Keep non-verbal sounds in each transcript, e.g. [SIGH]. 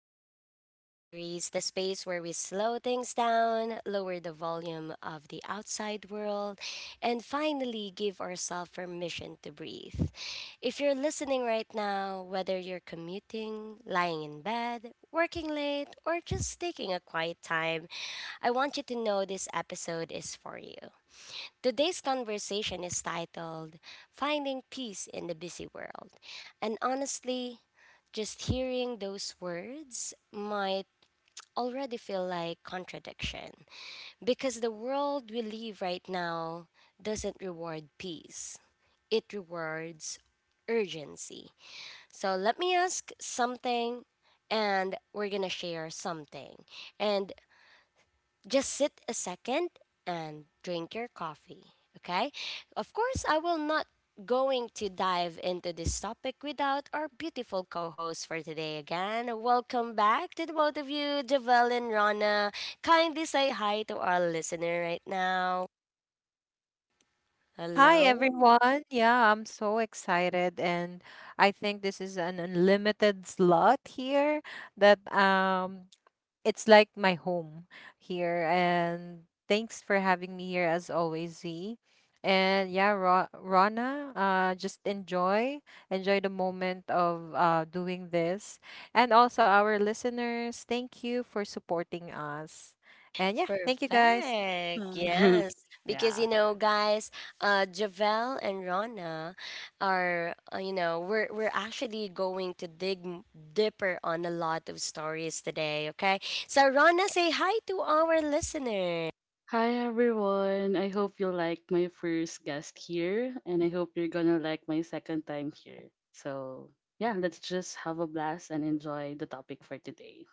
Real Talk Diaries, the space where we slow things down, lower the volume of the outside world, and finally give ourselves permission to breathe. If you're listening right now, whether you're commuting, lying in bed, working late, or just taking a quiet time, I want you to know this episode is for you. Today's conversation is titled Finding Peace in the Busy World. And honestly, just hearing those words might already feel like contradiction because the world we live right now doesn't reward peace. It rewards urgency. So let me ask something, and we're going to share something. And just sit a second and drink your coffee, okay? Of course, I will not going to dive into this topic without our beautiful co-host for today. Again, welcome back to the both of you, Javel and Rana. Kindly say hi to our listener right now. Hi Hello. everyone. Yeah, I'm so excited and I think this is an unlimited slot here that it's like my home here, and thanks for having me here as always, Z. And yeah, Ro Rana, just enjoy enjoy the moment of doing this. And also our listeners, thank you for supporting us. And yeah, thank you guys. Perfect. Uh, Yes. [LAUGHS] Because yeah. you know, guys, Javel and Rana are you know, we're actually going to dig deeper on a lot of stories today, okay? So Rana, say hi to our listeners. Hi everyone. I hope you like my first guest here and I hope you're going to like my second time here. So, yeah, let's just have a blast and enjoy the topic for today.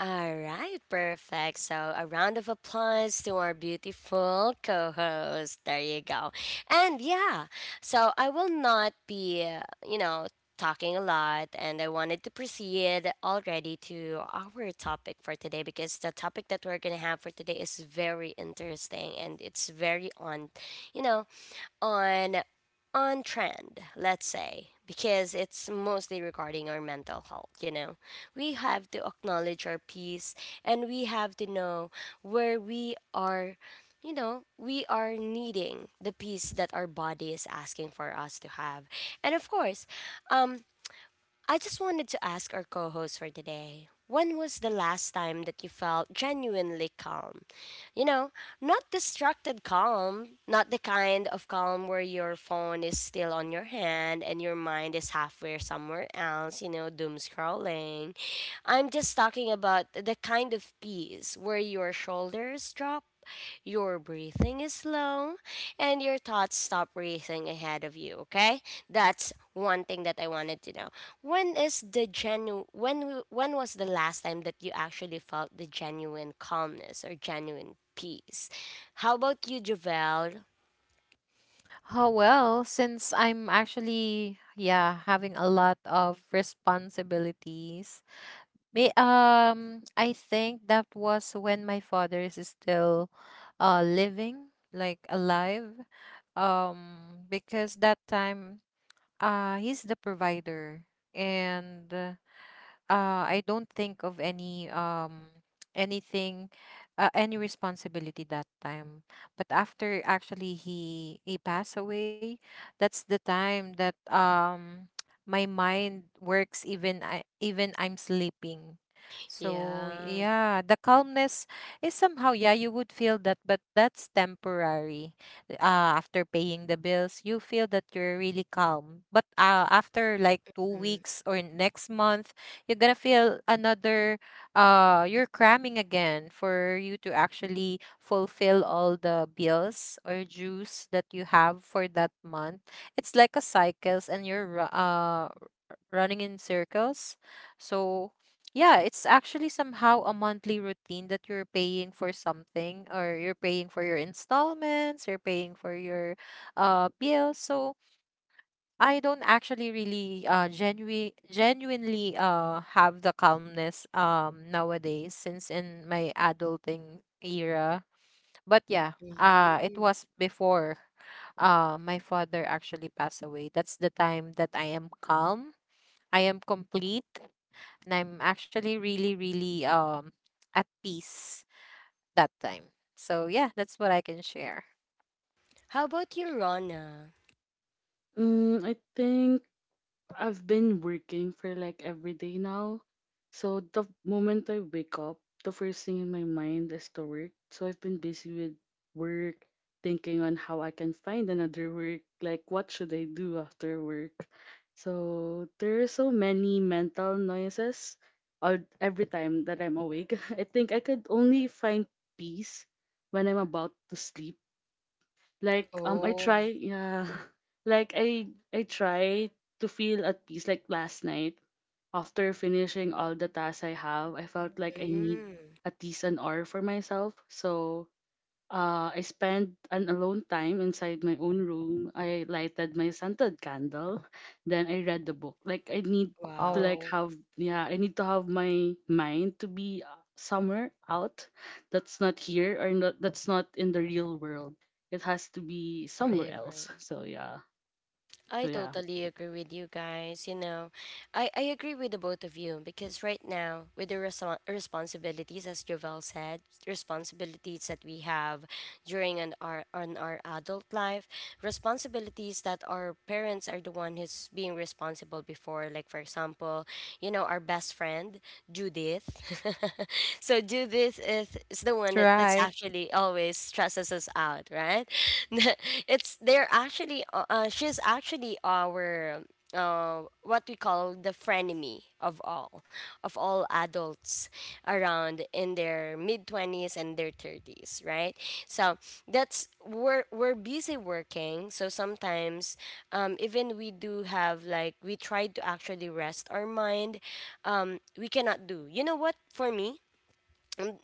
All right, perfect. So, a round of applause to our beautiful co host. There you go. And yeah, so I will not be, you know, talking a lot. And I wanted to proceed already to our topic for today because the topic that we're going to have for today is very interesting and it's very on, you know, on on trend, let's say, because it's mostly regarding our mental health, you know. We have to acknowledge our peace and we have to know where we are, you know, we are needing the peace that our body is asking for us to have. And of course, I just wanted to ask our co host for today, when was the last time that you felt genuinely calm? You know, not distracted calm, not the kind of calm where your phone is still on your hand and your mind is halfway somewhere else, you know, doom scrolling. I'm just talking about the kind of peace where your shoulders drop, your breathing is slow, and your thoughts stop racing ahead of you, okay? That's one thing that I wanted to know. When is the genu when w- When was the last time that you actually felt the genuine calmness or genuine peace? How about you, Javel? Oh, well, since I'm actually, yeah, having a lot of responsibilities. May I think that was when my father is still living, like alive. Because that time he's the provider, and I don't think of anything, any responsibility that time. But after actually he passed away, that's the time that [TSK] my mind works even I even I'm sleeping. So Yeah. yeah, the calmness is somehow, yeah, you would feel that, but that's temporary. After paying the bills, you feel that you're really calm. But after like 2 weeks or next month, you're gonna feel another you're cramming again for you to actually fulfill all the bills or dues that you have for that month. It's like a cycles, and you're running in circles. So yeah, it's actually somehow a monthly routine that you're paying for something, or you're paying for your installments, you're paying for your bills. So I don't actually really genuinely have the calmness nowadays since in my adulting era. But yeah, it Mm-hmm. was before my father actually passed away. That's the time that I am calm, I am complete, and I'm actually really, really at peace that time. So yeah, that's what I can share. How about you, Rona? I think I've been working for like every day now. So the moment I wake up, the first thing in my mind is to work. So I've been busy with work, thinking on how I can find another work, like what should I do after work. So there are so many mental noises all every time that I'm awake. [LAUGHS] I think I could only find peace when I'm about to sleep like I Oh, try yeah [LAUGHS] like I try to feel at peace like last night after finishing all the tasks I have I felt like I need mm, at least an hour for myself so I spent an alone time inside my own room. I lighted my scented candle. Then I read the book. Like I need to like Wow. wow. have yeah, I need to have my mind to be somewhere out that's not here or not that's not in the real world. It has to be somewhere I else. agree. So yeah. So I yeah. totally agree with you guys. You know, I agree with the both of you because right now, with the responsibilities, as Jovel said, responsibilities that we have our on our adult life, responsibilities that our parents are the one who's being responsible before. Like for example, you know, our best friend Judith. [LAUGHS] So Judith is the That's one that's right. actually always stresses us out, right? [LAUGHS] It's they're actually she's actually our what we call the frenemy of all adults around in their mid 20s and their 30s, right? So that's we're busy working, so sometimes even we do have like we try to actually rest our mind, we cannot do. You know what, for me,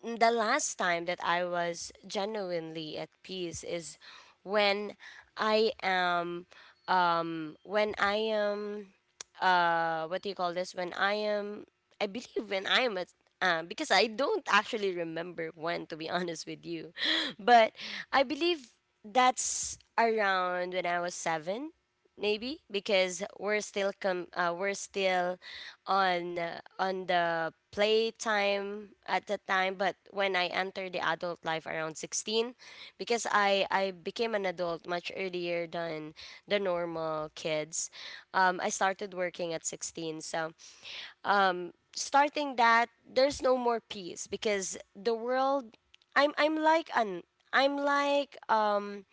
the last time that I was genuinely at peace is when I am, when I am, what do you call this, when I am, I believe, when I am at because I don't actually remember, when to be [LAUGHS] honest with you, [LAUGHS] but I believe that's around when I was 7, maybe because we're still we're still on the playtime at the time. But when I entered the adult life around 16, because I became an adult much earlier than the normal kids. I started working at 16, so starting that there's no more peace because the world I'm like an I'm like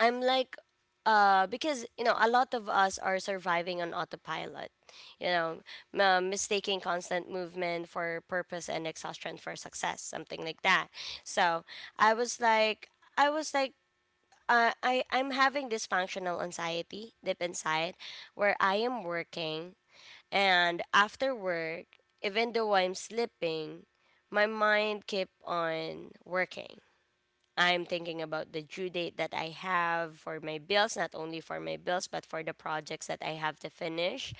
I'm like, because you know, a lot of us are surviving on autopilot. You know, mistaking constant movement for purpose and exhaustion for success, something like that. So I was like, I was like. I, I'm having this functional anxiety deep inside where I am working, and after work, even though I'm sleeping, my mind keep on working. I'm thinking about the due date that I have for my bills, not only for my bills, but for the projects that I have to finish.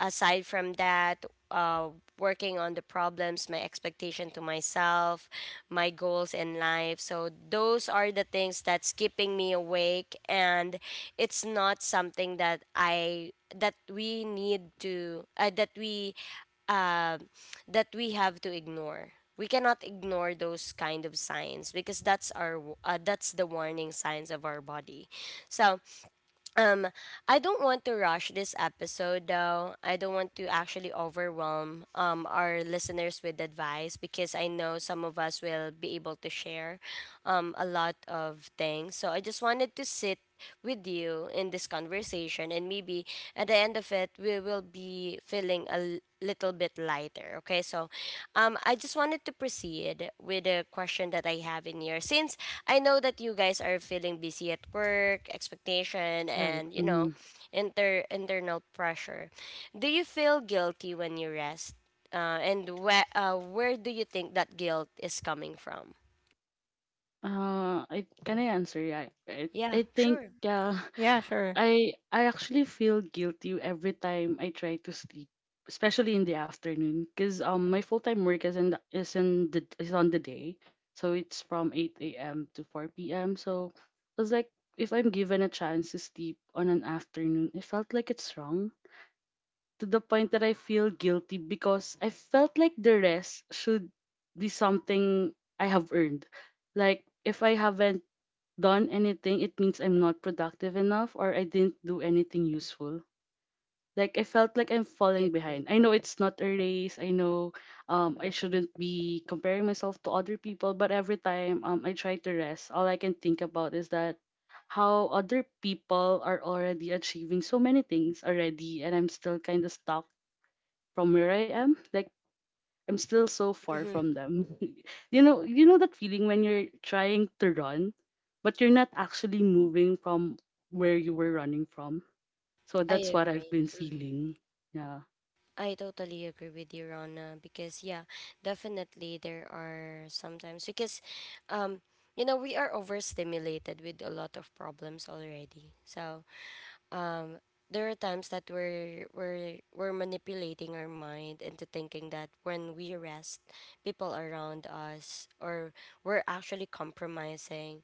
Aside from that, working on the problems, my expectation to myself, my goals in life. So those are the things that's keeping me awake, and it's not something that I that we need to uh, that we have to ignore. We cannot ignore those kind of signs because that's our that's the warning signs of our body. So um, I don't want to rush this episode though. I don't want to actually overwhelm our listeners with advice because I know some of us will be able to share a lot of things. So I just wanted to sit with you in this conversation and maybe at the end of it we will be feeling a little bit lighter. Okay, so I just wanted to proceed with a question that I have in here. Since I know that you guys are feeling busy at work, expectation, Right. and you know, Mm. Internal pressure, do you feel guilty when you rest? And where do you think that guilt is coming from? I can I answer? Yeah. I, Yeah, I think sure. yeah. Yeah, sure. I actually feel guilty every time I try to sleep, especially in the afternoon, because my full time work is in the, is in the is on the day, so it's from eight a.m. to four p.m. So it's like if I'm given a chance to sleep on an afternoon, it felt like it's wrong to the point that I feel guilty because I felt like the rest should be something I have earned, like if I haven't done anything, it means I'm not productive enough or I didn't do anything useful. Like I felt like I'm I falling agree. behind. I know it's not a race. I know I shouldn't be comparing myself to other people, but every time I try to rest, all I can think about is that how other people are already achieving so many things already and I'm still kind of stuck from where I am. Like I'm still so far Mm-hmm. from them. [LAUGHS] You know that feeling when you're trying to run, but you're not actually moving from where you were running from. So I that's what I've agree. been Mm-hmm. feeling. Yeah. I totally agree with you, Rona, because yeah, definitely there are sometimes because um you know, we are overstimulated with a lot of problems already. So there are times that we're manipulating our mind into thinking that when we rest, people around us or we're actually compromising.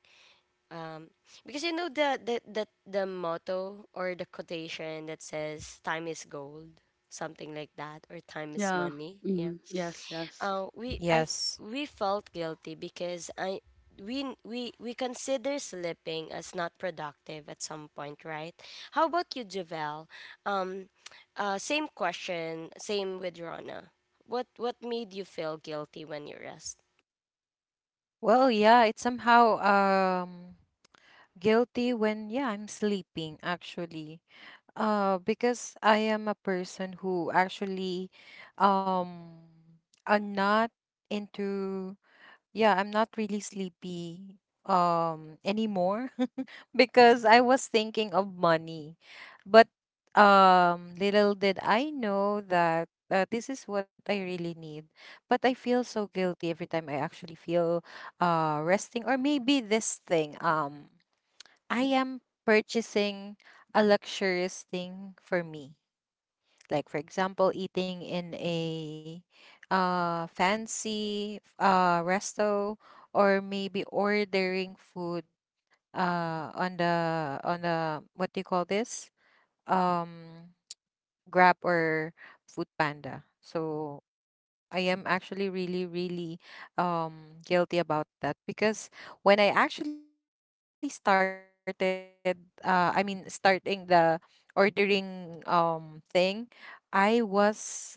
Because you know the the motto or the quotation that says time is gold, something like that, or time is Yeah. money. Yeah. Mm, yes, yes. We Yes. we felt guilty because I we consider sleeping as not productive at some point, right? How about you, Javel? Um, same question, same with Rona. What made you feel guilty when you rest? Well, yeah, it's somehow guilty when, yeah, I'm sleeping actually. Because I am a person who actually um are not into, yeah, I'm not really sleepy anymore [LAUGHS] because I was thinking of money. But little did I know that this is what I really need. But I feel so guilty every time I actually feel resting, or maybe this thing, I am purchasing a luxurious thing for me, like for example eating in a fancy resto, or maybe ordering food on the what do you call this, um Grab or food panda. So I am actually really, really guilty about that, because when I actually started I mean starting the ordering thing, I'm not stopping it.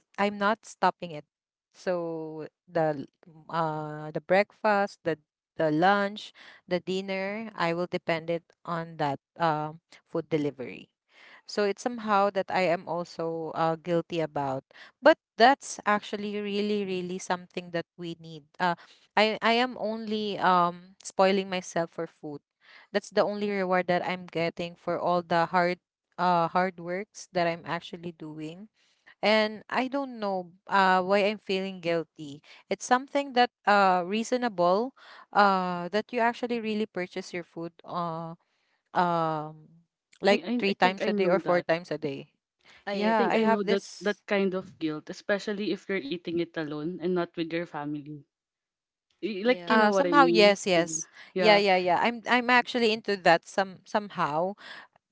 So the the breakfast, the lunch, the dinner, I will depend it on that food delivery. So it's somehow that I am also guilty about. But that's actually really, really something that we need. I am only spoiling myself for food. That's the only reward that I'm getting for all the hard works that I'm actually doing. And I don't know why I'm feeling guilty. It's something that reasonable that you actually really purchase your food um I, like I I three think times I a day or know four that. times a day. I I Yeah, think I I agree. know have that that this kind of guilt, especially if you're eating it alone and not with your family. Like you Yeah. Know what I somehow, mean? yes, Yeah. yes. Yeah, Yeah. yeah, yeah. I'm actually into that somehow.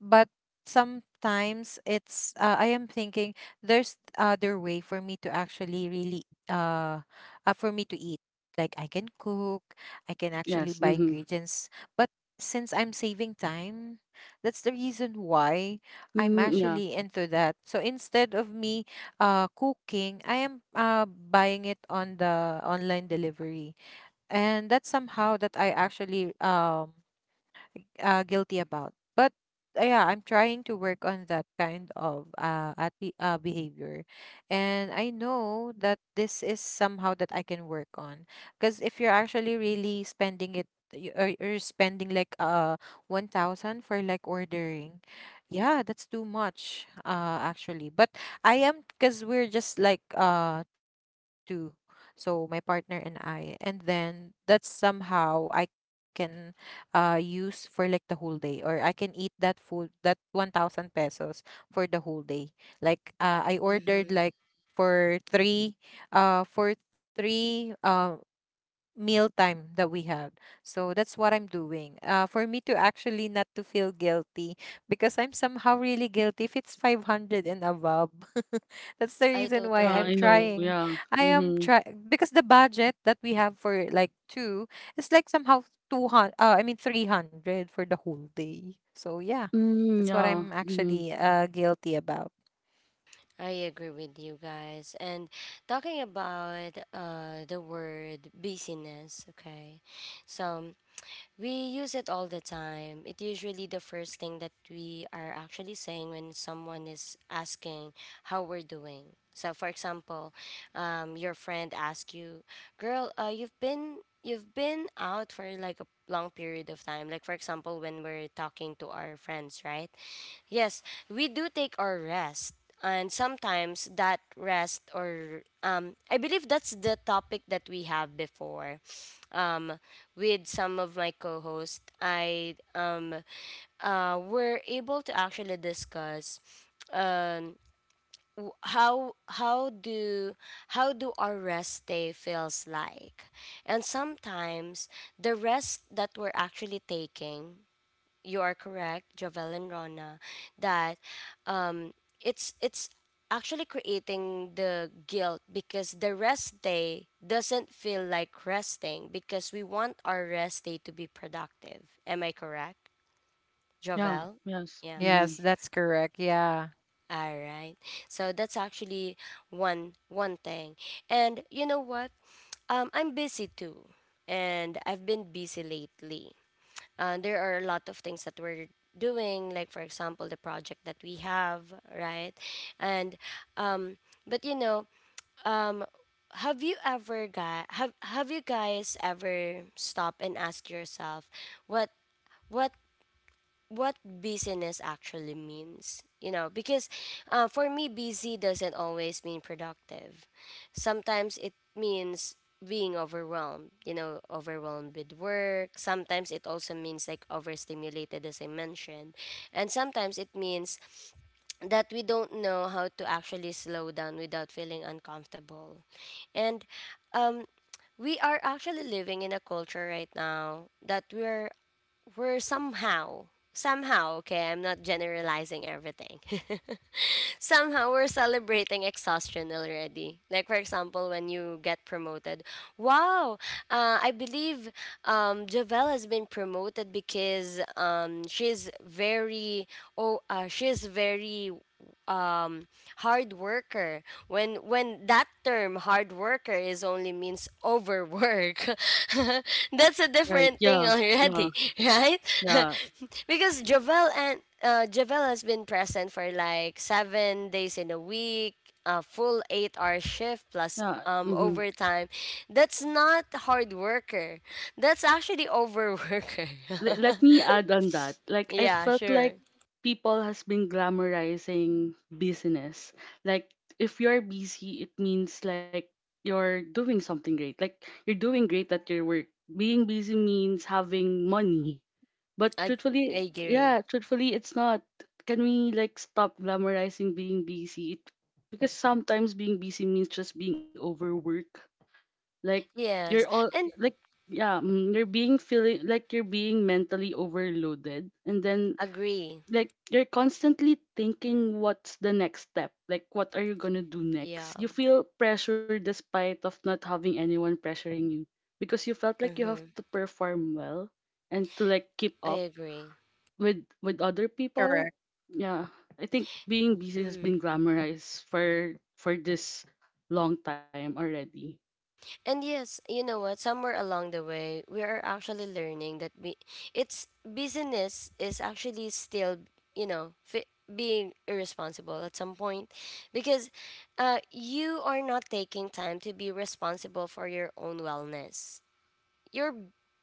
But sometimes it's I am thinking there's other way for me to actually really uh, for me to eat. Like I can cook, I can actually Yes. buy Mm-hmm. ingredients, but since I'm saving time, that's the reason why I'm Mm, yeah. actually into that. So instead of me cooking, I am buying it on the online delivery. And that's somehow that I actually guilty about. But yeah, I'm trying to work on that kind of behavior, and I know that this is somehow that I can work on. Because if you're actually really spending it, you're spending like 1,000 for like ordering. Yeah, that's too much, actually. But I am, because we're just like two, so my partner and I. And then that's somehow I can use for like the whole day, or I can eat that food that 1,000 pesos for the whole day. Like I Mm-hmm. ordered like for three uh for three uh, meal time that we have. So that's what I'm doing. For me to actually not to feel guilty, because I'm somehow really guilty if it's 500 and above. [LAUGHS] That's the I reason why Yeah, totally I'm I know. agree. Yeah. trying. I Mm-hmm. am try Because the budget that we have for like two is like somehow 200 uh, I mean 300 for the whole day. So yeah. Mm, That's what yeah. I'm Mm-hmm. actually guilty about. I agree with you guys. And talking about the word busyness, okay? So we use it all the time. It's usually the first thing that we are actually saying when someone is asking how we're doing. So, for example, your friend asks you, "Girl, you've been out for like a long period of time." Like for example, when we're talking to our friends, right? Yes, we do take our rest, and sometimes that rest, or I believe that's the topic that we have before um with some of my co-hosts. I were able to actually discuss um how how do how do our rest day feels like. And sometimes the rest that we're actually taking, you are correct, Jovel and Rona, that um, it's actually creating the guilt because the rest day doesn't feel like resting because we want our rest day to be productive. Am I correct, Yeah. Jovel? Yes. Yeah. Hmm. Yes, that's correct. Yeah. All right. So that's actually one one thing. And you know what? I'm busy too, and I've been busy lately. There are a lot of things that we're doing, like for example the project that we have, right? And um but you know, um have you guys ever stop and ask yourself what what what busyness actually means, you know? Because for me busy doesn't always mean productive. Sometimes it means being overwhelmed, you know, overwhelmed with work. Sometimes it also means like overstimulated, as I mentioned. And sometimes it means that we don't know how to actually slow down without feeling uncomfortable. And um we are actually living in a culture right now that we're were somehow, okay, I'm not generalizing everything. [LAUGHS] Somehow we're celebrating exhaustion already, like for example when you get promoted, wow. I believe Javel has been promoted because she's very um hard worker, when that term hard worker is only means overwork. [LAUGHS] That's a Right. different thing Yeah. Yeah. already, [LAUGHS] right? [LAUGHS] Yeah. Because Javel and Javel has been present for like 7 days in a week, a full 8 hour shift plus Yeah. Hmm. overtime. That's not hard worker. That's actually overworker. Let me add on that. [LAUGHS] Like I Yeah, felt sure. like people has been glamorizing business. Like if you're busy, it means like you're doing something great. Like you're doing great at your work. Being busy means having money. But I, I truthfully, agree. yeah, truthfully, it's not. Can we like stop glamorizing being busy? It, because sometimes being busy means just being overworked like you're Yes, all and like yeah you're being feeling like you're being mentally overloaded and then agree. like you're constantly thinking what's the next step, like what are you going to do Yeah. next, you feel pressure despite of not having anyone pressuring you because you felt like you have Mm-hmm. to perform well and to like keep I up agree. with other people. Correct. Yeah, I think being busy has Mhm. been glamorized for this long time already. And yes, you know what? Somewhere along the way, we are actually learning that we, it's business is actually still, you know, being irresponsible at some point, because you are not taking time to be responsible for your own wellness. You're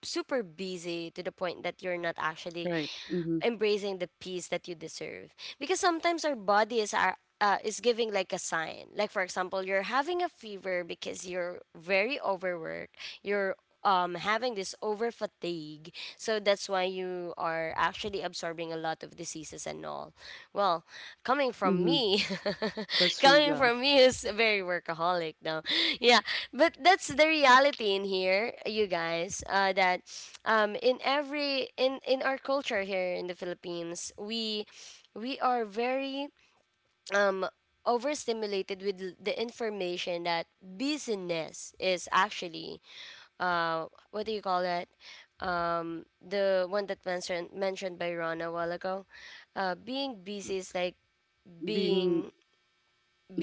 super busy to the point that you're not actually Right. Mm-hmm. embracing the peace that you deserve because sometimes our bodies are is giving like a sign, like for example you're having a fever because you're very overworked, you're having this over fatigue, so that's why you are actually absorbing a lot of diseases and all. Well, coming from Mm-hmm. me, [LAUGHS] That's true, coming yeah. from me who's very workaholic now. Yeah, but that's the reality in here, you guys, that in every in our culture here in the Philippines, we are very um overstimulated with the information that business is actually, what do you call that, the one that mentioned by Ron a while ago. Being M- busy is like Being being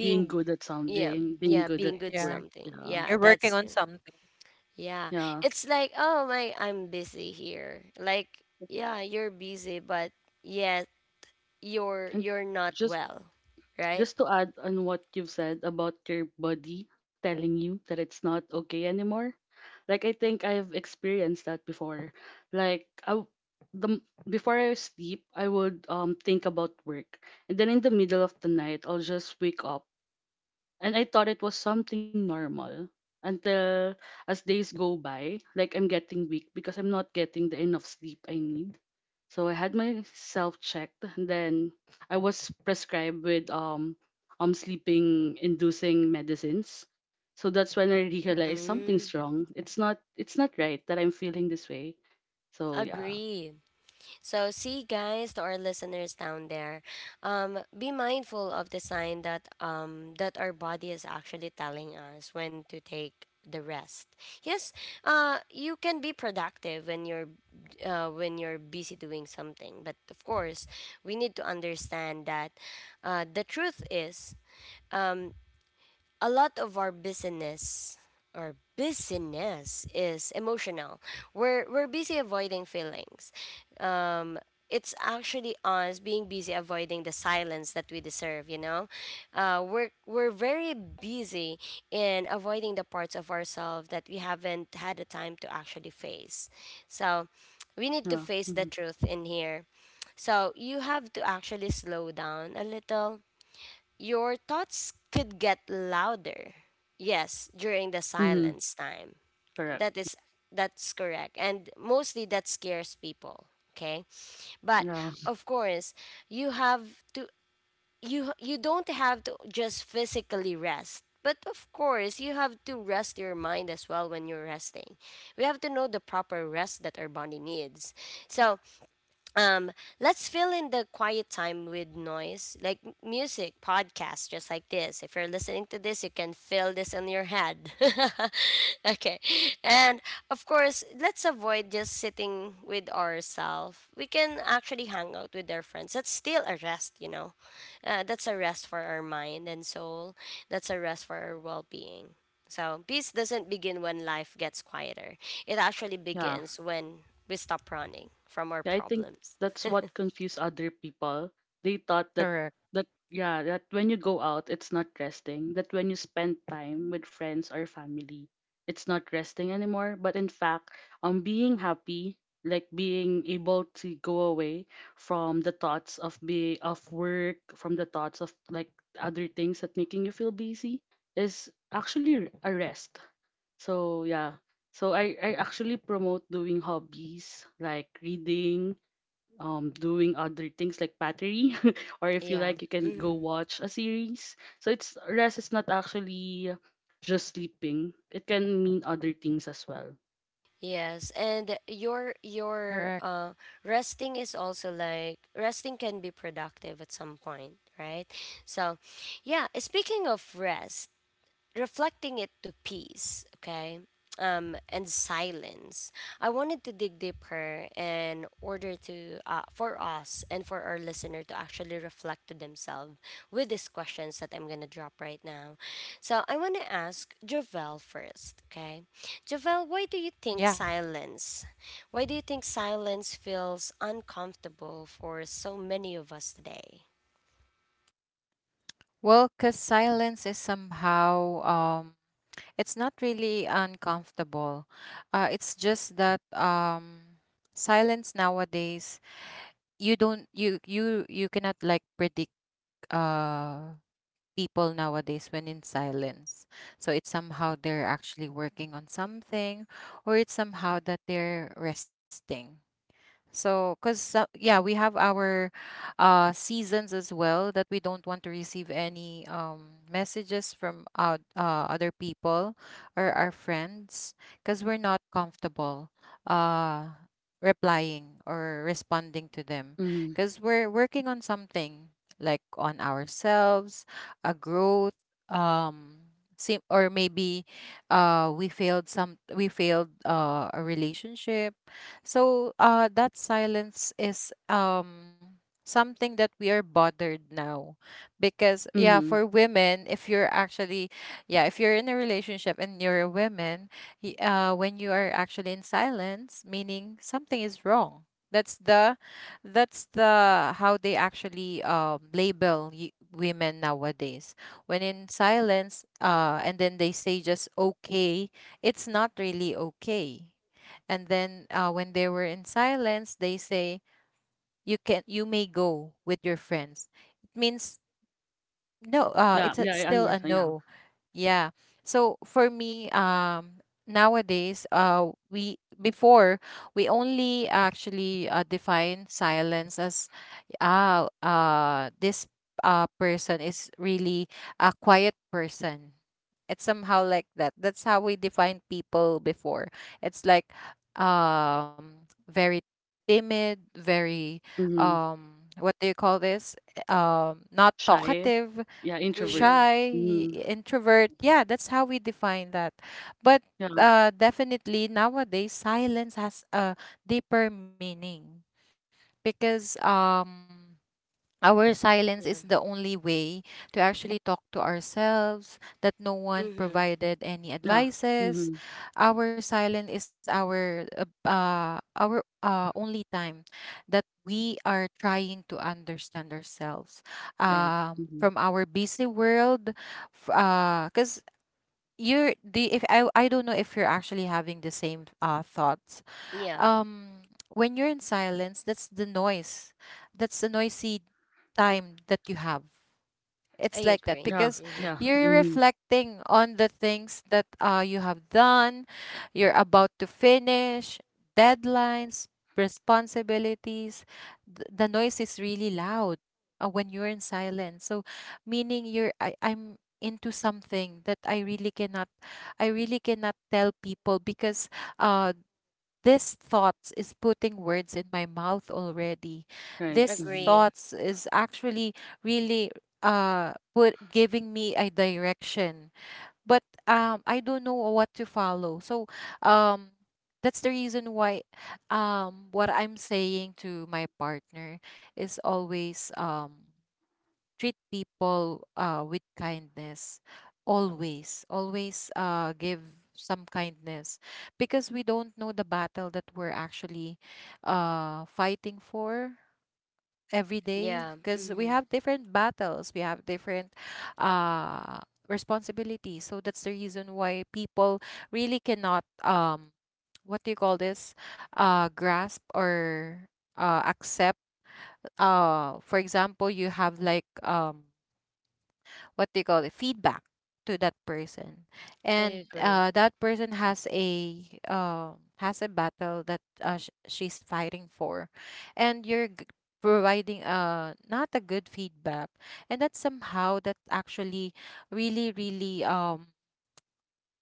being good at yeah, something, being yeah, good at being Mm, good work, yeah. something, yeah. yeah, You're working that's. on something. Yeah, Yeah. it's like, oh my, I'm busy here, like, yeah, you're busy, but yeah, you're And you're not just well. Right. To add on what you've said about your body telling you that it's not okay anymore. Like I think I've experienced that before. Like the m- before I sleep, I would think about work. And then in the middle of the night, I'll just wake up. And I thought it was something normal until as days go by, like I'm getting weak because I'm not getting the enough sleep I need. So I had myself checked and then I was prescribed with sleeping inducing medicines. So that's when I realized something's Mm. wrong. It's not right that I'm feeling this way. So yeah. Agree. So, see, guys, to our listeners down there, be mindful of the sign that our body is actually telling us when to take the rest. Yes, you can be productive when you're busy doing something, but of course, we need to understand that, the truth is. um, a lot of our business is emotional. We're busy avoiding feelings. Um, it's actually us being busy avoiding the silence that we deserve. You know, we're very busy in avoiding the parts of ourselves that we haven't had the time to actually face. So, we need to Yeah. face the Mm-hmm. truth in here. So you have to actually slow down a little, your thoughts could get louder. Yes, during the Mm-hmm. silence time. Correct. That is that's correct. And mostly that scares people, okay? But Yeah. of course, you have to you don't have to just physically rest. But of course, you have to rest your mind as well when you're resting. We have to know the proper rest that our body needs. So, um let's fill in the quiet time with noise, like music, podcasts just like this. If you're listening to this, you can feel this in your head. [LAUGHS] Okay, and of course, let's avoid just sitting with ourselves. We can actually hang out with our friends, that's still a rest, you know, that's a rest for our mind and soul, that's a rest for our well-being. So peace doesn't begin when life gets quieter. It actually Yeah. begins when we stop running from our Yeah, I think problems. that's what confused other people. They thought that Correct. Yeah, that when you go out, it's not resting. That when you spend time with friends or family, it's not resting anymore. But in fact, being happy, like being able to go away from the thoughts of be of work, from the thoughts of like other things that making you feel busy, is actually a rest. So yeah. So I actually promote doing hobbies like reading, doing other things like pottery [LAUGHS] or if you Yeah. like you can go Hmm. watch a series, so it's rest is not actually just sleeping, it can mean other things as well. Yes, and your your Correct. uh resting is also like resting can be productive at some point, right? So, yeah, speaking of rest, reflecting it to peace, okay, and silence. I wanted to dig deeper in order to, for us and for our listener to actually reflect to themselves with these questions that I'm gonna drop right now. So I wanna ask Javel first, okay? Javel, why do you think Yeah. silence? Why do you think silence feels uncomfortable for so many of us today? Well, because silence is somehow, it's not really uncomfortable. It's just that silence nowadays, you cannot like predict uh people nowadays when in silence. So it's somehow they're actually working on something, or it's somehow that they're resting. So, because yeah, we have our seasons as well that we don't want to receive any messages from other people or our friends, because we're not comfortable uh, replying or responding to them, Mm-hmm. because we're working on something like on ourselves, a growth, um, or maybe we failed a relationship. So that silence is something that we are bothered now, because yeah, Mm-hmm. for women, if you're actually, yeah, if you're in a relationship and you're a woman, when you are actually in silence, meaning something is wrong. That's the how they actually label women nowadays. When in silence, and then they say just okay, it's not really okay, and then when they were in silence, they say you can, you may go with your friends, it means no, Yeah, it's a, yeah, I still a understand. Yeah. no. Yeah, so for me, nowadays, we before, we only actually define silence as oh, this person is really a quiet person. It's somehow like that. That's how we define people before. It's like very timid, very, Mm-hmm. What do you call this? Not Shy. talkative, Yeah, introvert. Mm-hmm. shy, Mm-hmm. introvert. Yeah, that's how we define that. But Yeah. Definitely nowadays, silence has a deeper meaning, because our silence Yeah. is the only way to actually talk to ourselves, that no one Mm-hmm. provided any Yeah. Mm-hmm. advices. Our silence is our only time that we are trying to understand ourselves Right. Mm-hmm. from our busy world. Because 'cause you're the, if I, I don't know if you're actually having the same thoughts, Yeah, um when you're in silence, that's the noise, that's the noisy time that you have. It's I like that, agree. Yeah. because Mm-hmm. Yeah. you're Mm-hmm. reflecting on the things that you have done, you're about to finish deadlines, responsibilities. The noise is really loud when you're in silence. So meaning, I'm into something that I really cannot, I really cannot tell people, because uh this thoughts is putting words in my mouth already. Right. This Mm-hmm. Agree. thoughts is actually really put giving me a direction. But I don't know what to follow. So um that's the reason why what I'm saying to my partner is always treat people with kindness, always give some kindness, because we don't know the battle that we're actually fighting for every day, Yeah. because we Mm-hmm. have different battles, we have different uh, responsibilities. So that's the reason why people really cannot what do you call this, grasp or accept, for example you have like what do you call it, feedback to that person, I and agree. That person um has a battle that sh- she's fighting for, and providing not a good feedback, and that somehow that actually really, really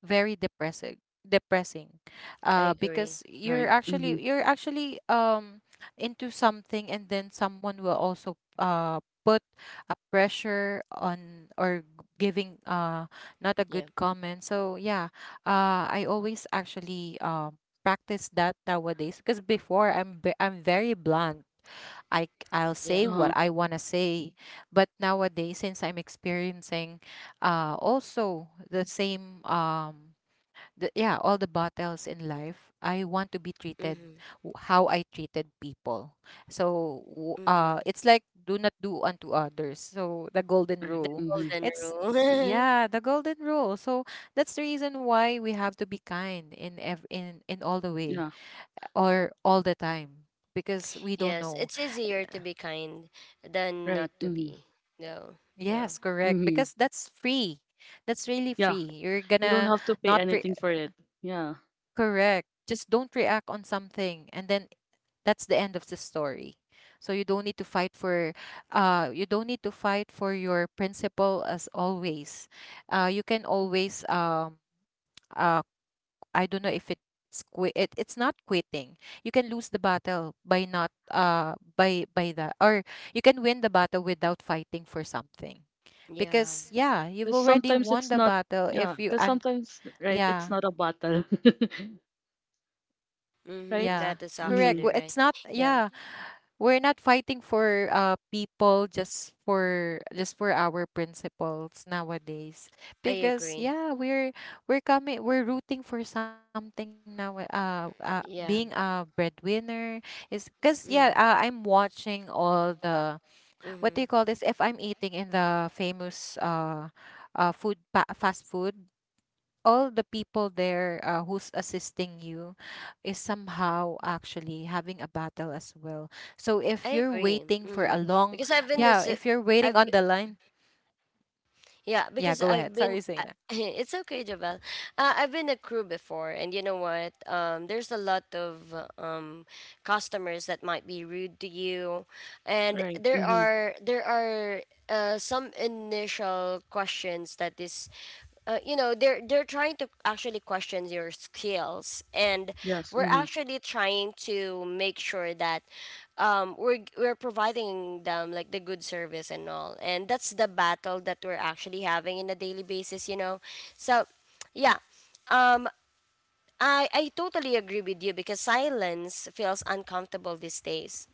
very depressing, depressing, I agree. because Right. Mm-hmm. You're actually into something, and then someone will also put a pressure on, or giving not a Yeah. good comment. So yeah, I always actually practice that nowadays, because before I'm very blunt. I'll say Yeah. Uh-huh. what I want to say, but nowadays, since I'm experiencing also the same yeah, all the battles in life, I want to be treated Mm-hmm. How I treated people. So, Mm-hmm. It's like do not do unto others. So, the golden Right. The rule. Mm-hmm. golden It's rule. Yeah, the golden rule. So that's the reason why we have to be kind in in all the way Yeah. or all the time, because [LAUGHS] we don't Yes, know. it's easier to be kind than Right. not to Mm-hmm. be. No. No. Yes, correct. Mm-hmm. Because that's free. That's really Yeah, free. You're you don't gonna have to pay not re- anything for it. Yeah. Correct. Just don't react on something, and then that's the end of the story. So you don't need to fight for, you don't need to fight for your principle as always. You can always, uh, I don't know if it's quit. It's not quitting. You can lose the battle by not, by that, or you can win the battle without fighting for something, Yeah. because yeah, you've 'Cause already sometimes won it's the not, battle if yeah. you 'Cause and sometimes, right, it's yeah, not a battle, [LAUGHS] Mm-hmm. right? That yeah, is actually correct. Mm-hmm. Well, right. it's not, Yeah. yeah, we're not fighting for people just for our principles nowadays I because agree. yeah we're coming, we're rooting for something now, Yeah. being a breadwinner is because yeah, Mm-hmm. I'm watching all the what do you Mm-hmm. call this, if I'm eating in the famous food fast food, all the people there, who's assisting you is somehow actually having a battle as well. So if I you're agree. waiting for Mm-hmm. a long, Because I've been yeah, this. if you're waiting I've on b- the line, yeah. yeah, Because go I've ahead. been. Sorry, I, Zaina. [LAUGHS] it's okay, Javel. I've been a crew before, and you know what? There's a lot of customers that might be rude to you, and Right. there Mm-hmm. are there are uh, some initial questions that is. You know they're trying to actually question your skills, and Yes. we're Mm-hmm. actually trying to make sure that, we're providing them like the good service and all. And that's the battle that we're actually having in a daily basis, you know. So yeah. Um I totally agree with you because silence feels uncomfortable these days.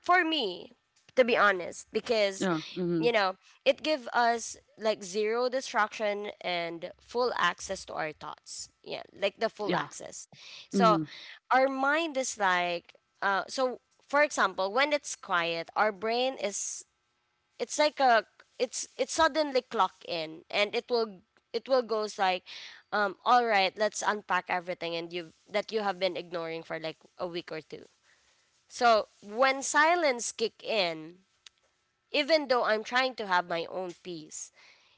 For me, to be honest, because Yeah. Mm-hmm. you know, it give us like zero distraction and full access to our thoughts. Yeah, like the Yeah. full access. So Mm-hmm. our mind is like, uh so for example, when it's quiet, our brain is, it's like a, it's suddenly clock in, and it will goes like, all right, let's unpack everything and you that you have been ignoring for like a week or two. So when silence kick in, even though I'm trying to have my own peace,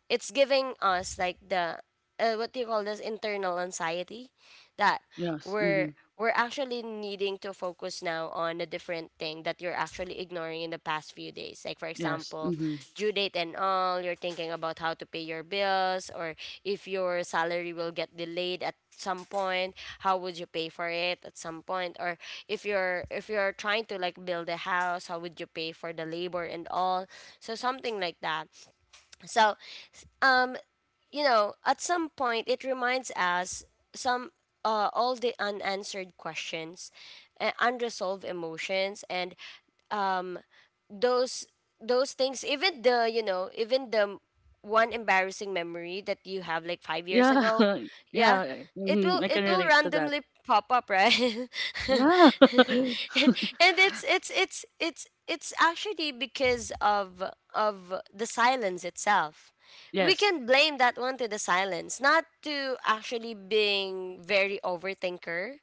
it's giving us like the, what do you call this, internal anxiety, that Yes. Mm-hmm. we're we're actually needing to focus now on a different thing that you're actually ignoring in the past few days, like for Yes. example Mm-hmm. due date and all. You're thinking about how to pay your bills, or if your salary will get delayed at some point, how would you pay for it at some point? Or if you're trying to like build a house, how would you pay for the labor and all? So something like that. So, s- um, you know, at some point, it reminds us some, all the unanswered questions, unresolved emotions, and um, those those things. Even the one embarrassing memory that you have like 5 years Yeah. ago, [LAUGHS] yeah, Yeah. it Mm-hmm. I will can it relate will to that. randomly pop up, right? [LAUGHS] Yeah. [LAUGHS] And it's actually because of the silence itself. We Yes. can blame that one to the silence, not to actually being very overthinker,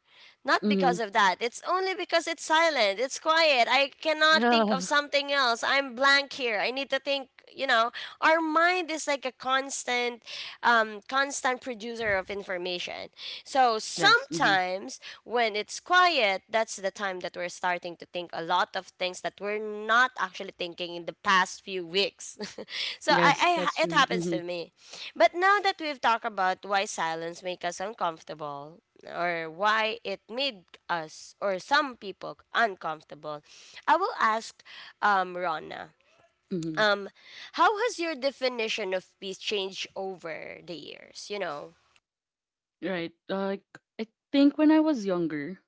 not Mm-hmm. because of that, it's only because it's silent, it's quiet, I cannot think of Yeah. something else, I'm blank here, I need to think, you know. Our mind is like a constant, constant producer of information. So Yes. Mm-hmm. sometimes when it's quiet, that's the time that we're starting to think a lot of things that we're not actually thinking in the past few weeks. [LAUGHS] So Yes. That's I it true. happens Mm-hmm. to me. But now that we've talked about why silence make us uncomfortable, or why it made us or some people uncomfortable, I will ask Rona. Mm-hmm. Um, how has your definition of peace changed over the years? You know. Right. Like I think when I was younger,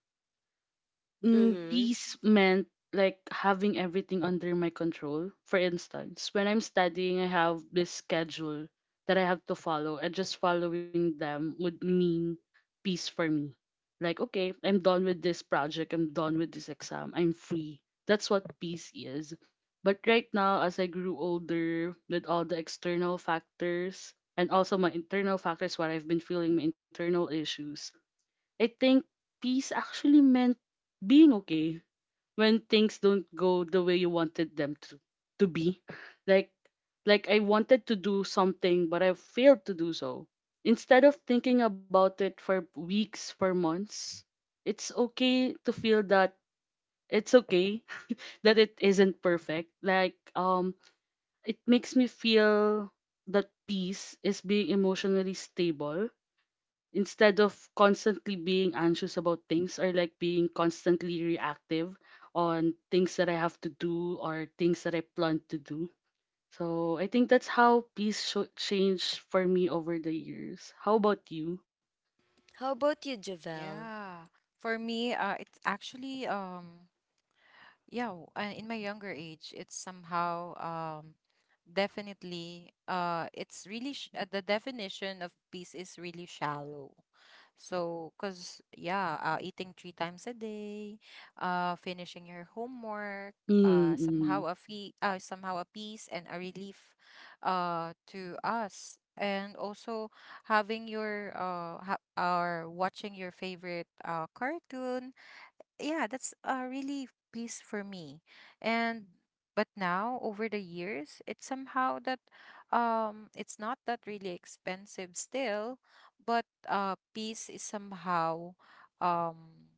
mm, Mm-hmm. peace meant like having everything under my control. For instance, when I'm studying, I have this schedule that I have to follow, and just following them would mean peace for me. Like, okay, I'm done with this project, I'm done with this exam, I'm free. That's what peace is. But right now, as I grew older, with all the external factors and also my internal factors, what I've been feeling, my internal issues, I think peace actually meant being okay when things don't go the way you wanted them to be. Like like I wanted to do something but I failed to do so. Instead of thinking about it for weeks, for months, it's okay to feel that, it's okay [LAUGHS] that it isn't perfect. Like it makes me feel that peace is being emotionally stable instead of constantly being anxious about things or like being constantly reactive on things that I have to do or things that I plan to do. So I think that's how peace sho changed for me over the years. How about you? How about you, Javel? Yeah. For me, it's actually yeah, in my younger age, it's somehow definitely it's really sh the definition of peace is really shallow. So, 'cause yeah, eating three times a day, finishing your homework, somehow Mm-hmm. a somehow a peace and a relief, to us, and also having your or watching your favorite cartoon, yeah, that's a really piece for me. And but now over the years, it's somehow that it's not that really expensive still, but peace is somehow um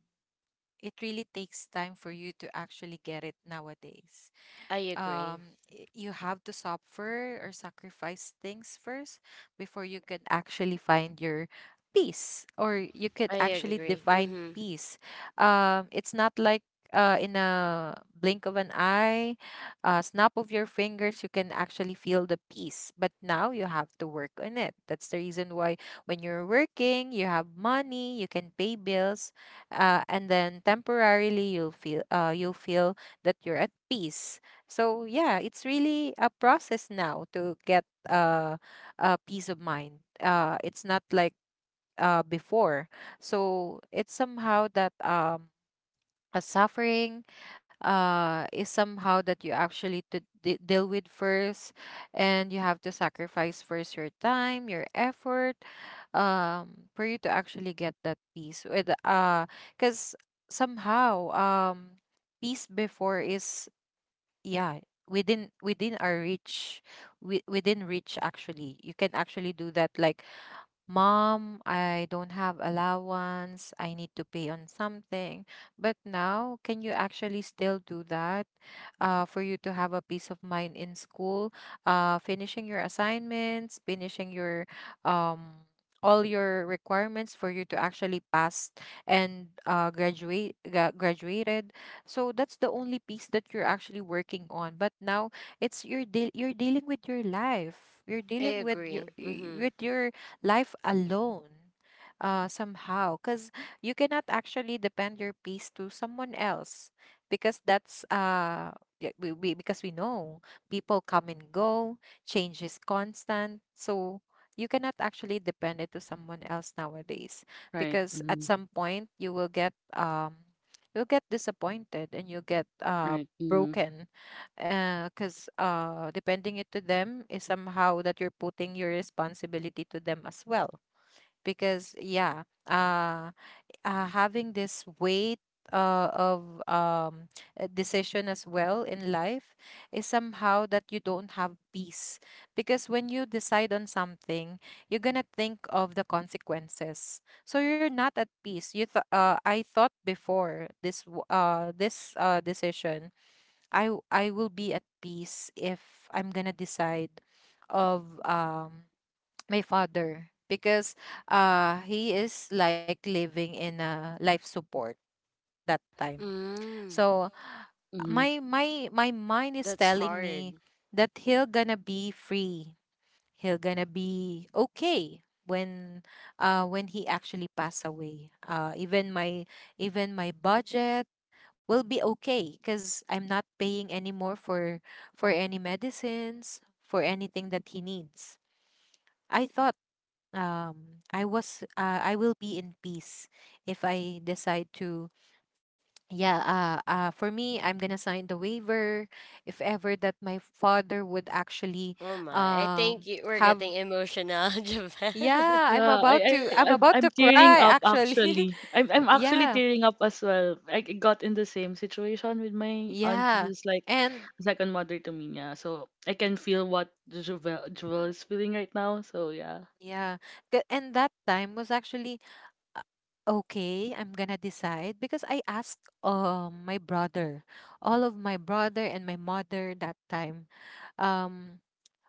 it really takes time for you to actually get it nowadays. I agree. You have to suffer or sacrifice things first before you can actually find your peace, or you I could actually agree. define Mm-hmm. peace. It's not like, in a blink of an eye, a snap of your fingers, you can actually feel the peace. But now you have to work on it. That's the reason why, when you're working, you have money, you can pay bills, and then temporarily you'll feel that you're at peace. So yeah, it's really a process now to get, a peace of mind. It's not like before. So it's somehow that a suffering, is somehow that you actually to deal with first, and you have to sacrifice first your time, your effort, for you to actually get that peace. With because somehow peace before is yeah within our reach, within reach. Actually you can actually do that, like, Mom, I don't have allowance. I need to pay on something. But now, can you actually still do that, for you to have a peace of mind in school? Finishing your assignments, finishing your um, all your requirements for you to actually pass and graduate, graduated. So that's the only piece that you're actually working on. But now it's, you're dealing with your life. You're I dealing with your agree. Mm-hmm. with your life alone, somehow, because you cannot actually depend your peace to someone else, because that's yeah, we, because we know people come and go, change is constant, so you cannot actually depend it to someone else nowadays, Right. because at Mm-hmm. some point you will get you'll get disappointed and you'll get Right. Mm-hmm. broken, because depending it to them is somehow that you're putting your responsibility to them as well. Because yeah, having this weight of decision as well in life is somehow that you don't have peace. Because when you decide on something, you're gonna think of the consequences. So you're not at peace. I thought before this this decision I I will be at peace if I'm gonna decide of [TSK] my father, because he is like living in a life support that time. Mm. So my mind is That's telling hard. me that he'll gonna be free. He'll gonna be okay when he actually pass away. Even my even my budget will be okay because I'm not paying anymore for any medicines for anything that he needs. I thought I was I will be in peace if I decide to yeah, for me, I'm gonna sign the waiver if ever that my father would actually Oh my. I think um you, we're getting have emotional, [LAUGHS] Japan. yeah, Yeah, I, I I'm I'm about to tearing up cry actually. actually. I'm [LAUGHS] actually Yeah, tearing up as well. Like, got in the same situation with my auntie yeah, who's like and a second mother to me. Yeah, so I can feel what Jovel is feeling right now. So yeah, yeah. And that time was actually, uh, okay, I'm gonna decide, because I asked my brother, all of my brother and my mother that time, um,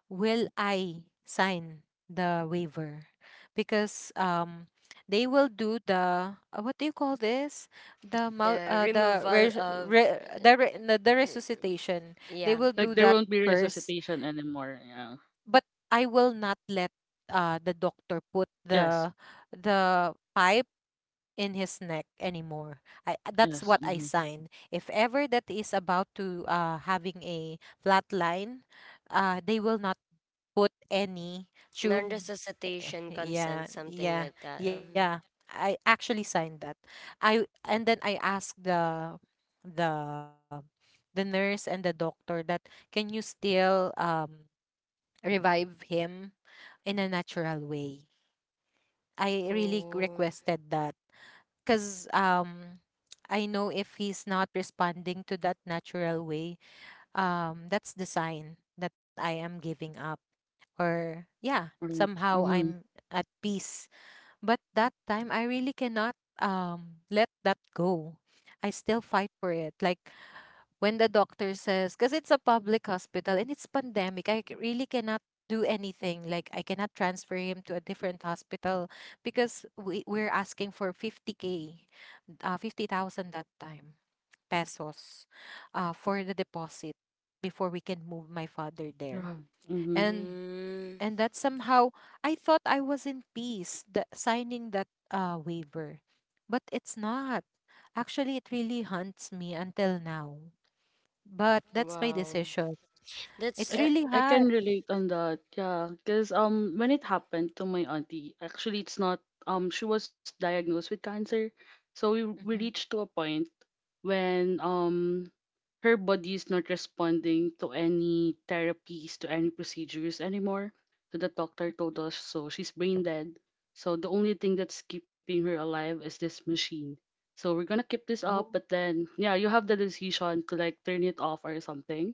will I sign the waiver? Because they will do the, what do you call this? The mou- The the removal res of, re- the re- no, the r- resuscitation. yeah, They will do like there that won't be first, resuscitation anymore. Yeah. but I will not let the doctor put Yes. The pipe in his neck anymore. I that's Yes. what I Mm-hmm. signed. If ever that is about to having a flat line, they will not put any tube. [LAUGHS] non-resuscitation consent, Yeah, something like yeah, that. Mhm. yeah. I actually signed that. I And then I asked the the nurse and the doctor that, can you still revive him in a natural way. I really Oh. requested that, because I know if he's not responding to that natural way, that's the sign that I am giving up, or yeah, Right. somehow Mm-hmm. I'm at peace. But that time I really cannot let that go. I still fight for it. Like when the doctor says, because it's a public hospital and it's pandemic, really cannot do anything, like I cannot transfer him to a different hospital, because we're asking for 50K 50,000 that time pesos, for the deposit before we can move my father there. Yeah. Mm-hmm. And Mm. and that somehow, I thought I was in peace, the signing that, waiver. But it's not. Actually, it really haunts me until now. But that's my Wow. decision. That's, It's I really I hard. can relate on that. Yeah, because when it happened to my auntie, actually it's not she was diagnosed with cancer, so we Hmm. reached to a point when her body is not responding to any therapies to any procedures anymore. So the doctor told us so she's brain dead. So the only thing that's keeping her alive is this machine. So we're gonna keep this up, Oh, but then yeah, you have the decision to like turn it off or something,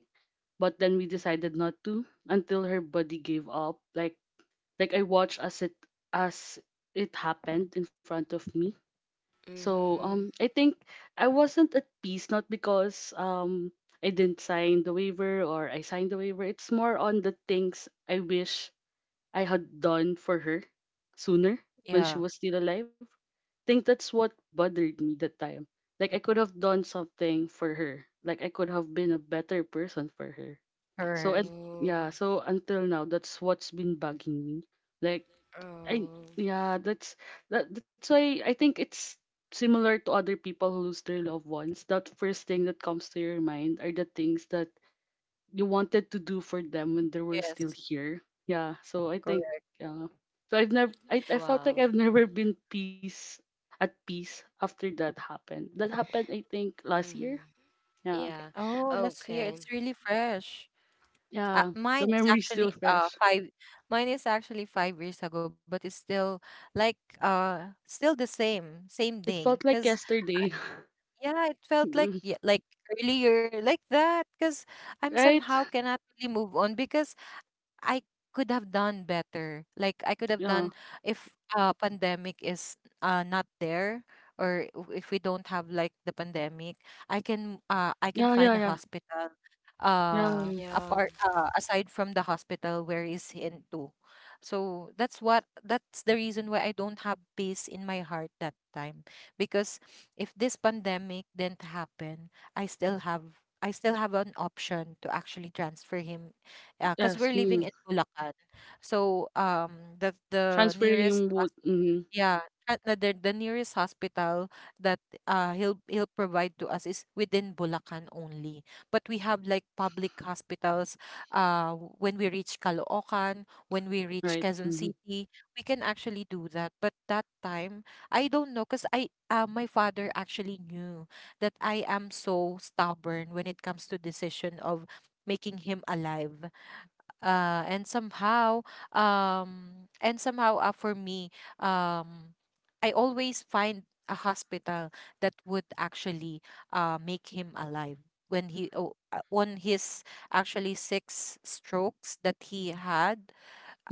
but then we hmm. decided not to until her body gave up, like I watched as it happened in front of me. So mm-hmm. I think I wasn't at peace not because I didn't sign the waiver or I signed the waiver, it's more on the things I wish I had done for her sooner Yeah, when she was still alive. Think that's what bothered me that time. Like I could have done something for her. Like I could have been a better person for her. So correct. and Oh. yeah, so until now that's what's been bugging me. Like I Oh. yeah, that's that's why I think it's similar to other people who lose their loved ones. That first thing that comes to your mind are the things that you wanted to do for them when they were Yes, still here. Yeah, so I think correct. yeah. So I felt like Wow. I've never been peace at peace after that happened. That happened I think last year. Mm-hmm. Yeah. Yeah. Oh, last year, Okay. it's really fresh. Yeah. The Mine is memory actually still fresh. five. Mine is actually 5 years ago, but it's still like still the same same It day. felt like Cause yesterday. [LAUGHS] yeah, it felt like Mm, yeah, like earlier like that, because I'm right? somehow cannot really move on, because I could have done better. Like I could have done Yeah. if pandemic is not there, or if we don't have like the pandemic, I can Yeah, find yeah, a yeah. hospital Yeah. Yeah. apart aside from the hospital where is into. So that's what, that's the reason why I don't have peace in my heart that time, because if this pandemic didn't happen, I still have an option to actually transfer him, because Yes. we're living Mm. in Bulacan. So the nearest Transferring wood. Mm, yeah, at the nearest hospital that he'll he'll provide to us is within Bulacan only. But we have like public hospitals, when we reach Caloocan, when we reach right. Quezon Mm-hmm. City, we can actually do that. But that time, I don't know, because I my father actually knew that I am so stubborn when it comes to decision of making him alive, and somehow for me, um I always find a hospital that would actually make him alive when he, on his actually six strokes that he had,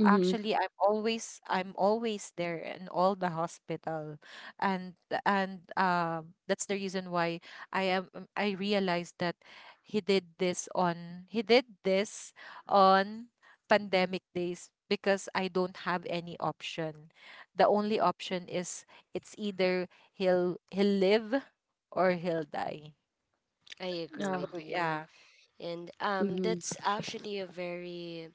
Mm-hmm. actually I'm always I'm always there in all the hospital, and and that's the reason why I am I realized that he did this on he did this on pandemic days because I don't have any option. The only option is, it's either he'll he'll live or he'll die. I agree Yeah. with So you. yeah, And Mm-hmm. that's actually a very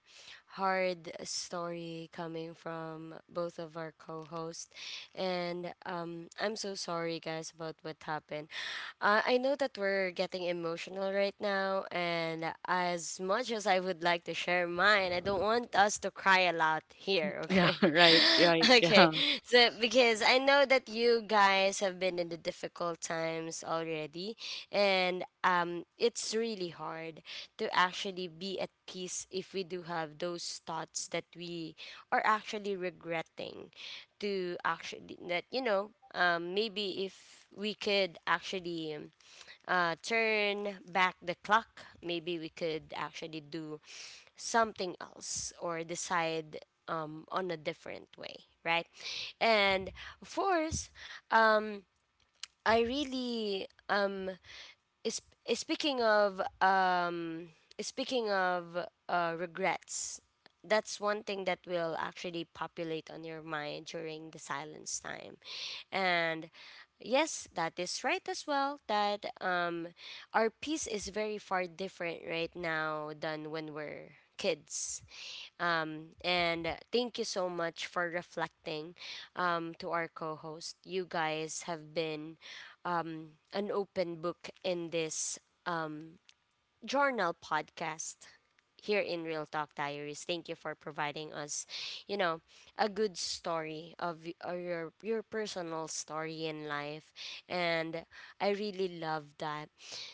hard story coming from both of our co-hosts. And I'm so sorry guys about what happened. I know that we're getting emotional right now, and as much as I would like to share mine, I don't want us to cry a lot here, Yeah, [LAUGHS] okay? right, [LAUGHS] right, Okay, yeah. so because I know that you guys have been in the difficult times already, and it's really hard to actually be at peace if we do have those thoughts that we are actually regretting to actually, that you know, maybe if we could actually, turn back the clock, maybe we could actually do something else or decide, on a different way, right? And of course, um, I really, is speaking of, speaking of, regrets, that's one thing that will actually populate on your mind during the silence time. And yes, that is right as well, that our peace is very far different right now than when we're kids. And thank you so much for reflecting, to our co host. You guys have been, an open book in this Journal podcast here in Real Talk Diaries. Thank you for providing us, you know, a good story of y- or your personal story in life, and I really love that.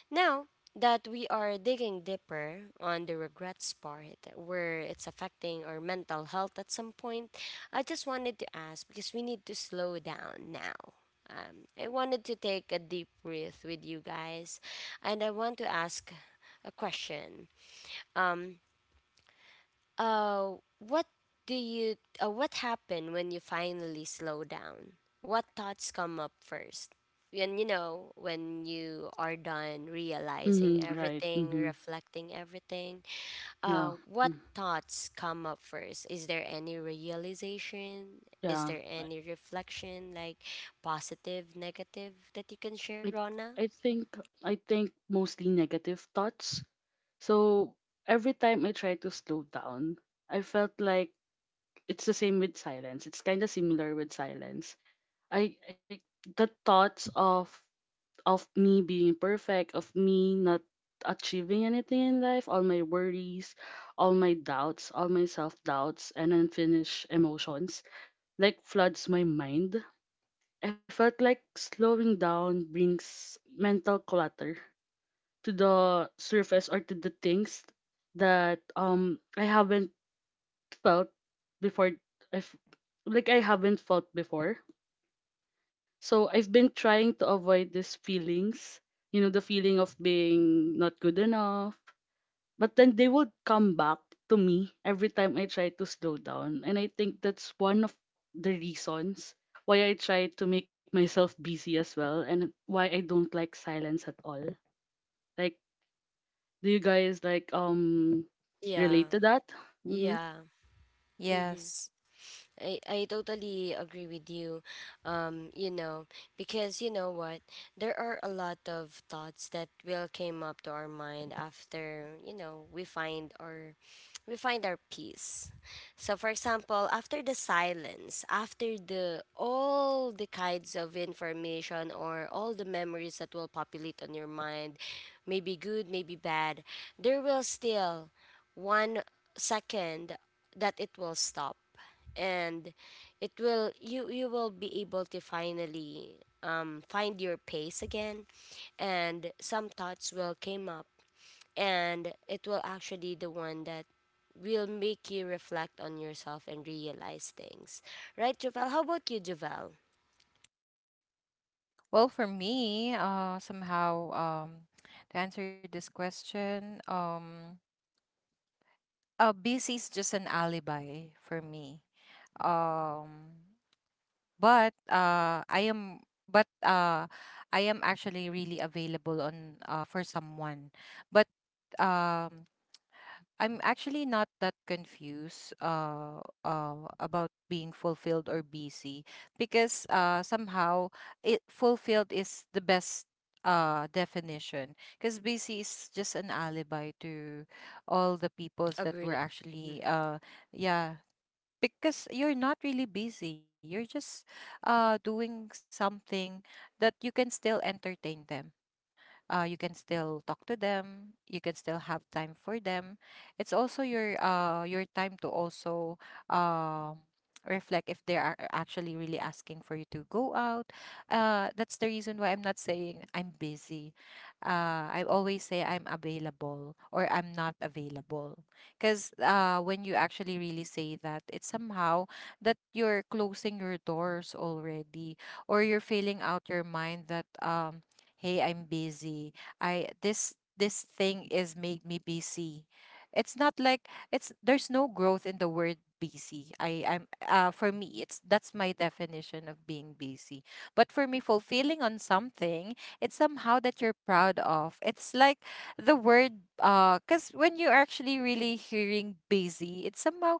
Now that we are digging deeper on the regrets part where it's affecting our mental health at some point, I just wanted to ask because we need to slow down now. I wanted to take a deep breath with you guys, and I want to ask a question. Um, what do you? What happened when you finally slow down? What thoughts come up first? When you know when you are done realizing Mm-hmm, right. everything, Mm-hmm. reflecting everything. Yeah. What Mm. thoughts come up first? Is there any realization? Is Yeah. there I any reflection, like positive, negative, that you can I share, I Rona? think I think mostly negative thoughts. So every time I try to slow down, I felt like it's the same with silence. It's kind of similar with silence. I the thoughts of me being imperfect, of me not achieving anything in life, all my worries, all my doubts, all my self doubts, and unfinished emotions like floods my mind. I felt like slowing down brings mental clutter to the surface or to the things that I haven't felt before. I've I haven't felt before. So I've been trying to avoid these feelings, you know, the feeling of being not good enough, but then they would come back to me every time I try to slow down. And I think that's one of the reasons why I try to make myself busy as well, and why I don't like silence at all. Like, do you guys like Yeah. relate to that? Mm-hmm. Yeah. Mm-hmm. yes. I totally agree with you. You know, because you know what? There are a lot of thoughts that will came up to our mind after, you know, we find our peace. So for example, after the silence, after the all the kinds of information or all the memories that will populate on your mind, maybe good, maybe bad, there will still 1 second that it will stop, and it will you you will be able to finally find your pace again. And some thoughts will came up, and it will actually the one that will make you reflect on yourself and realize things. Right, Javel, how about you, Javel? Well, for me, somehow, to answer this question, busy is just an alibi for me. Um, but but uh, I am actually really available on, for someone. But um, I'm actually not that confused about being fulfilled or busy, because somehow it fulfilled is the best definition, because busy is just an alibi to all the peoples that Agree. were Mm, actually yeah, because you're not really busy, you're just doing something, that you can still entertain them, you can still talk to them, you can still have time for them, it's also your time to also um reflect if they are actually really asking for you to go out. That's the reason why I'm not saying I'm busy. I always say I'm available or I'm not available, because when you actually really say that, it's somehow that you're closing your doors already, or you're filling out your mind that, hey, I'm busy, I this this thing is made me busy. It's not like it's, there's no growth in the word busy. I I'm for me it's, that's my definition of being busy. But for me, fulfilling on something, it's somehow that you're proud of, it's like the word because when you're actually really hearing busy, it's somehow,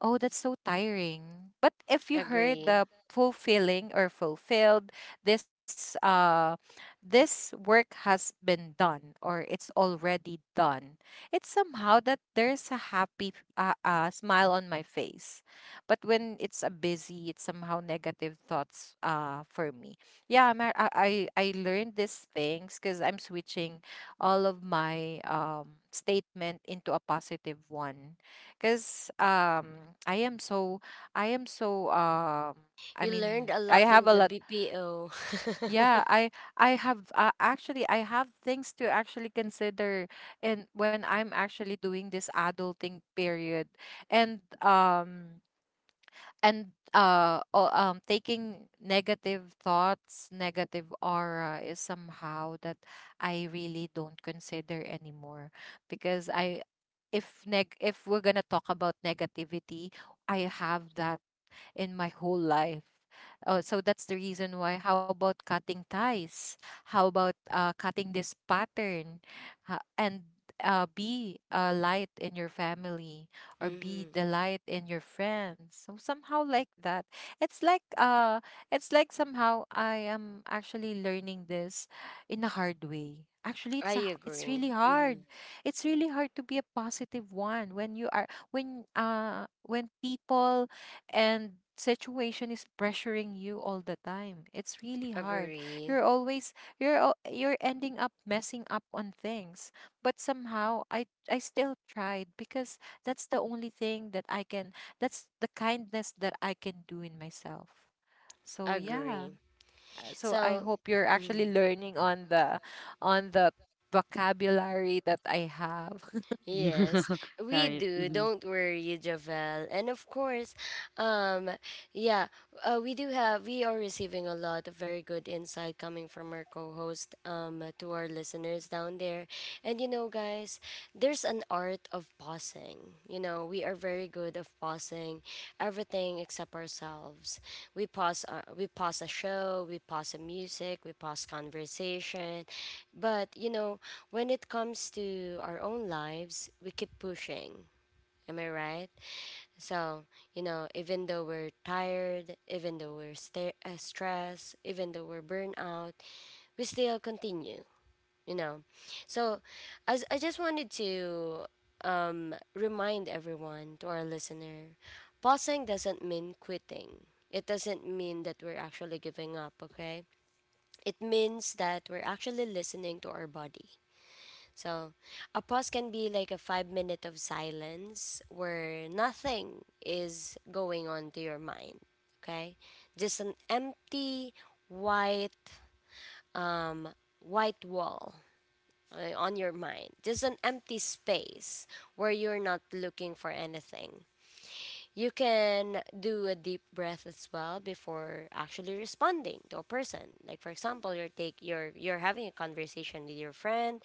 oh, that's so tiring. But if you heard agree. the fulfilling or fulfilled, this this work has been done or it's already done. It's somehow that there's a happy smile on my face. But when it's a busy, it's somehow negative thoughts for me. Yeah, I learned these things because I'm switching all of my statement into a positive one, because I am so I You learned mean, a I lot have in a the lot, BPO [LAUGHS] yeah, I have actually I have things to actually consider, and when I'm actually doing this adulting period, and taking negative thoughts negative aura is somehow that I really don't consider anymore, because I, if neg, if we're gonna talk about negativity, I have that in my whole life. Oh, so that's the reason why. How about cutting ties? How about, cutting this pattern? Ha- and be a light in your family, or be mm-hmm. the light in your friends. So somehow like that. It's like uh, it's like somehow I am actually learning this in a hard way. Actually, it's I it's agree. really Mm-hmm. hard. It's really hard to be a positive one when you are, when people and situation is pressuring you all the time, it's really hard. Agree. You're always, you're ending up messing up on things, but somehow I still tried, because that's the only thing that I can, that's the kindness that I can do in myself. So Agree. yeah, so I So, hope you're mm, actually learning on the vocabulary that I have. yes, [LAUGHS] we Right. do. Hmm. Don't worry, Javel. And of course, um, yeah, we are receiving a lot of very good insight coming from our co host to our listeners down there. And you know, guys, there's an art of pausing. You know, we are very good of pausing everything except ourselves. We pause a show, we pause a music, we pause conversation. But, you know, when it comes to our own lives, we keep pushing. Am I right? So, you know, even though we're tired, even though we're stressed, even though we're burnt out, we still continue, you know. So, as I just wanted to remind everyone, to our listener, pausing doesn't mean quitting. It doesn't mean that we're actually giving up, okay? It means that we're actually listening to our body. So, a pause can be like a 5 minute of silence where nothing is going on to your mind. Okay, just an empty white um, white wall on your mind, just an empty space where you're not looking for anything. You can do a deep breath as well before actually responding to a person. Like for example, you're take you're having a conversation with your friend,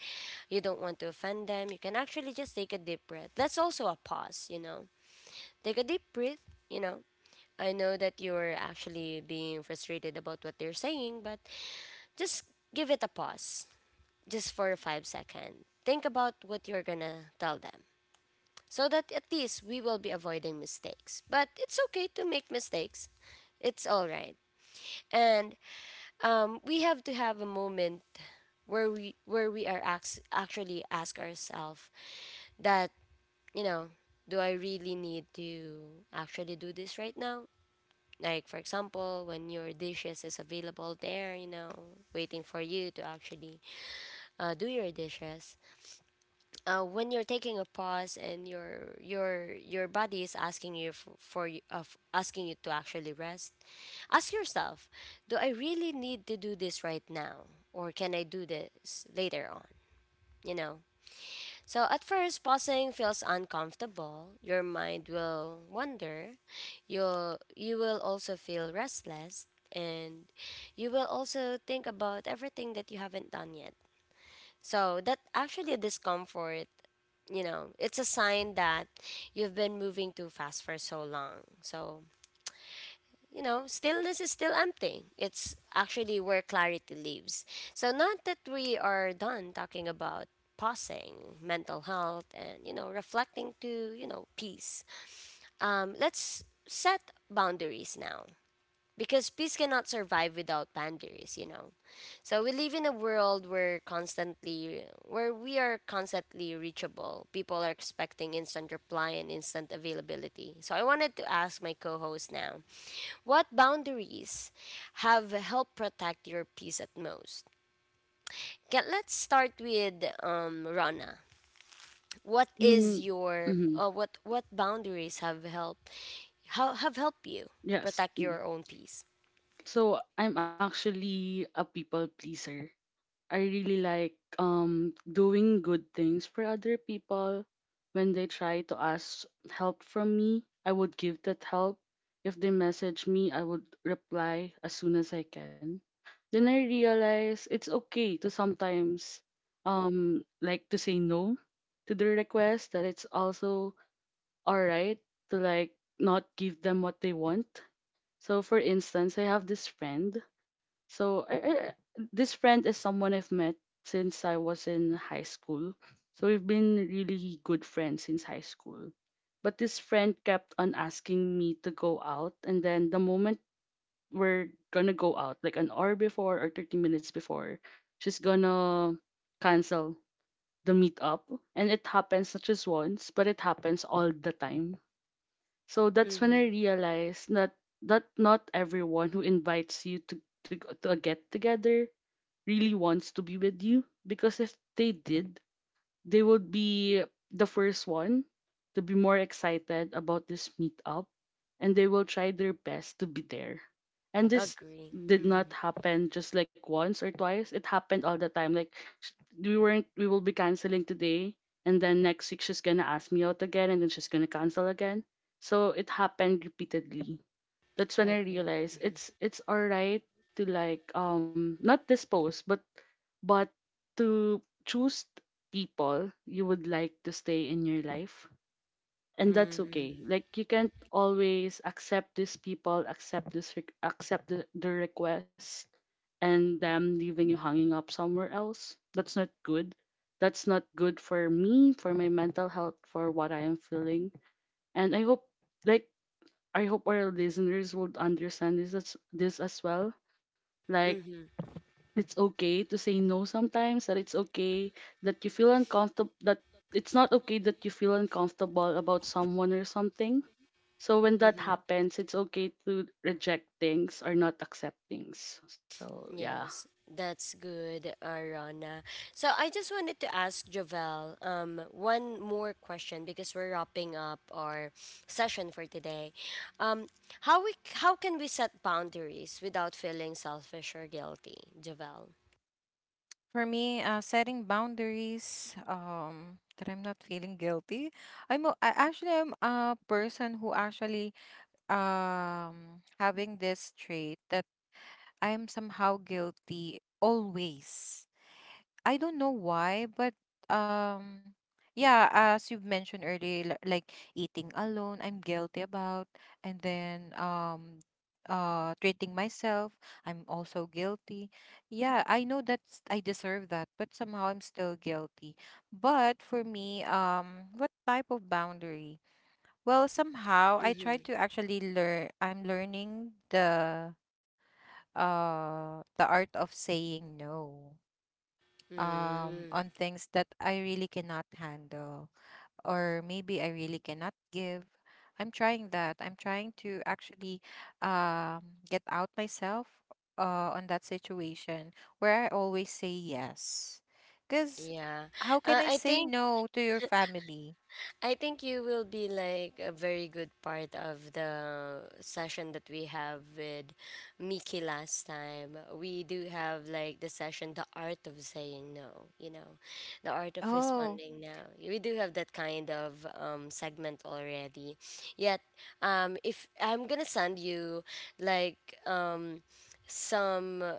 you don't want to offend them, you can actually just take a deep breath. That's also a pause, you know. Take a deep breath, you know. I know that you're actually being frustrated about what they're saying, but just give it a pause just for 5 seconds. Think about what you're going to tell them, so that at least we will be avoiding mistakes. But it's okay to make mistakes, it's all right. And we have to have a moment where we are actually ask ourselves that, you know, do I really need to actually do this right now? Like for example, when your dishes is available there, you know, waiting for you to actually do your dishes when you're taking a pause, and your body is asking you for you of asking you to actually rest. Ask yourself, do I really need to do this right now, or can I do this later on, you know? So at first pausing feels uncomfortable. Your mind will wander, you will also feel restless, and you will also think about everything that you haven't done yet. So that actually discomfort, you know, it's a sign that you've been moving too fast for so long. So, you know, stillness is still empty. It's actually where clarity lives. So not that we are done talking about pausing, mental health, and, you know, reflecting to, you know, peace. Let's set boundaries now, because peace cannot survive without boundaries, you know. So we live in a world where we are constantly reachable. People are expecting instant reply and instant availability. So I wanted to ask my co-host now, what boundaries have helped protect your peace at most? Let's start with Rana. what Mm-hmm. is your Mm-hmm. uh, what what boundaries have helped, how have helped you Yes. protect Mm. your own peace? So I'm actually a people pleaser. I really like doing good things for other people. When they try to ask help from me, I would give that help. If they message me, I would reply as soon as I can. Then I realize it's okay to sometimes like to say no to the request, that it's also alright to like not give them what they want. So, for instance, I have this friend. So, this friend is someone I've met since I was in high school. So, we've been really good friends since high school. But this friend kept on asking me to go out. And then the moment we're gonna go out, like an hour before or 30 minutes before, she's gonna cancel the meetup. And it happens not just once, but it happens all the time. So that's when I realized that not everyone who invites you to to a get together really wants to be with you, because if they did, they would be the first one to be more excited about this meetup and they will try their best to be there. And this Agree. did Mm-hmm. not happen just like once or twice. It happened all the time. Like sh- we weren't we will be canceling today, and then next week she's gonna ask me out again and then she's gonna cancel again. So it happened repeatedly. That's when I Agree. realized Mm-hmm. It's alright to like not dispose, but to choose people you would like to stay in your life. And that's Mm-hmm. okay. Like you can't always accept these people, accept accept the request and them leaving you hanging up somewhere else. That's not good. That's not good for me, for my mental health, for what I am feeling. And I hope, like I hope our listeners would understand this as well. Like Mm-hmm. it's okay to say no sometimes, that it's okay that you feel uncomfortable, that it's not okay that you feel uncomfortable about someone or something. So when that Mm-hmm. happens, it's okay to reject things or not accept things. So yeah. Yes, that's good, Arana. So I just wanted to ask Jovel one more question because we're wrapping up our session for today. Um, how we how can we set boundaries without feeling selfish or guilty, Jovel? For me, setting boundaries, that I'm not feeling guilty. I actually I'm a person who actually having this trait that I'm somehow guilty always. I don't know why, but um yeah, as you've mentioned earlier, li- like eating alone, I'm guilty about, and then treating myself, I'm also guilty. Yeah, I know that's I deserve that, but somehow I'm still guilty. But for me, what type of boundary? Well, somehow I try Mm-hmm. to actually learn, I'm learning the art of saying no on Mm-hmm. things that I really cannot handle, or maybe I really cannot give. I'm trying that. I'm trying to actually get out myself on that situation where I always say yes. Cuz Yeah, how can I uh, I say think. no to your family? I think you will be like a very good part of the session that we have with Miki last time. We do have like the session, the art of saying no, you know, the art of Oh. responding now. We do have that kind of segment already. Yet, if I'm gonna send you like um, some uh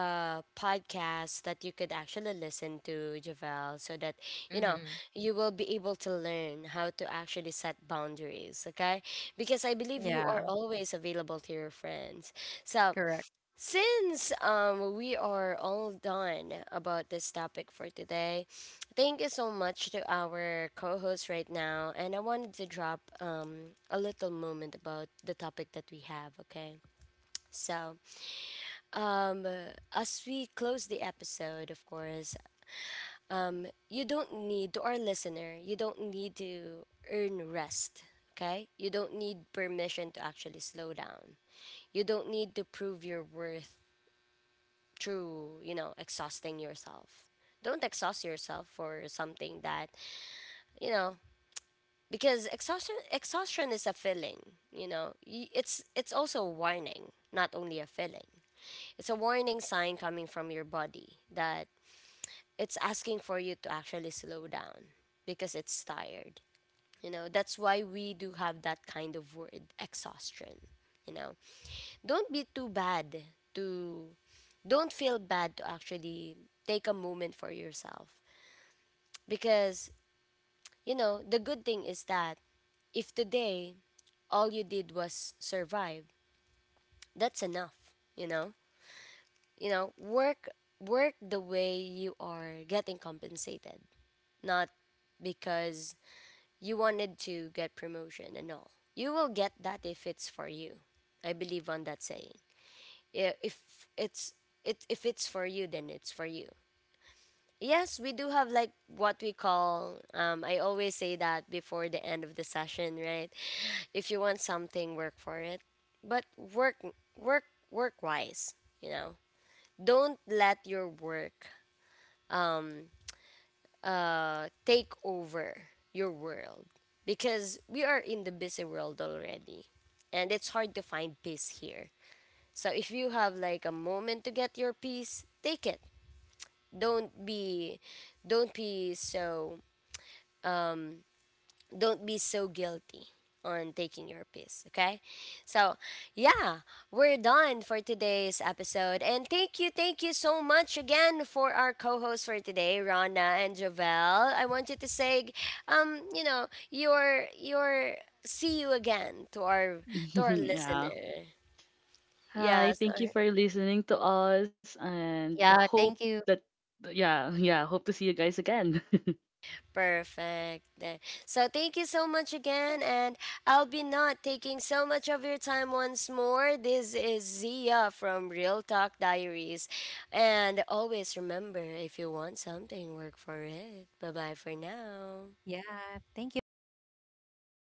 uh, podcasts that you could actually listen to, Javel, so that you know Mm-hmm. you will be able to learn how to actually set boundaries, okay? Because I believe you Yeah, are always available to your friends. So correct. since we are all done about this topic for today, thank you so much to our co-host right now, and I wanted to drop a little moment about the topic that we have, okay? So, um, as we close the episode, of course, you don't need, to our listener, you don't need to earn rest, okay? You don't need permission to actually slow down. You don't need to prove your worth through, you know, exhausting yourself. Don't exhaust yourself for something that, you know, because exhaustion is a feeling, you know. It's also a warning, not only a feeling. It's a warning sign coming from your body that it's asking for you to actually slow down because it's tired. You know, that's why we do have that kind of word, exhaustion. You know, don't be too bad to, don't feel bad to actually take a moment for yourself. Because, you know, the good thing is that if today all you did was survive, that's enough, you know? You know, work the way you are getting compensated, not because you wanted to get promotion and all. You will get that if it's for you. I believe on that saying. I- If it's if it's for you, then it's for you. Yes, we do have like what we call. I always say that before the end of the session, right? If you want something, work for it, but work wise, you know. Don't let your work um take over your world, because we are in the busy world already, and it's hard to find peace here. So if you have like a moment to get your peace, take it. Don't be don't be so don't be so guilty on taking your piss, okay? So, yeah, we're done for today's episode. And thank you so much again for our co-hosts for today, Rana and Javel. I want you to say you know, your see you again to our [LAUGHS] Yeah. listener. Hi, Yes. thank you for listening to us and Yeah. hope Thank you. that yeah, [LAUGHS] yeah, hope to see you guys again. [LAUGHS] Perfect. So thank you so much again, and I'll be not taking so much of your time once more. This is Zia from Real Talk Diaries, and always remember, if you want something, work for it. Bye bye for now. Yeah, thank you. Bye.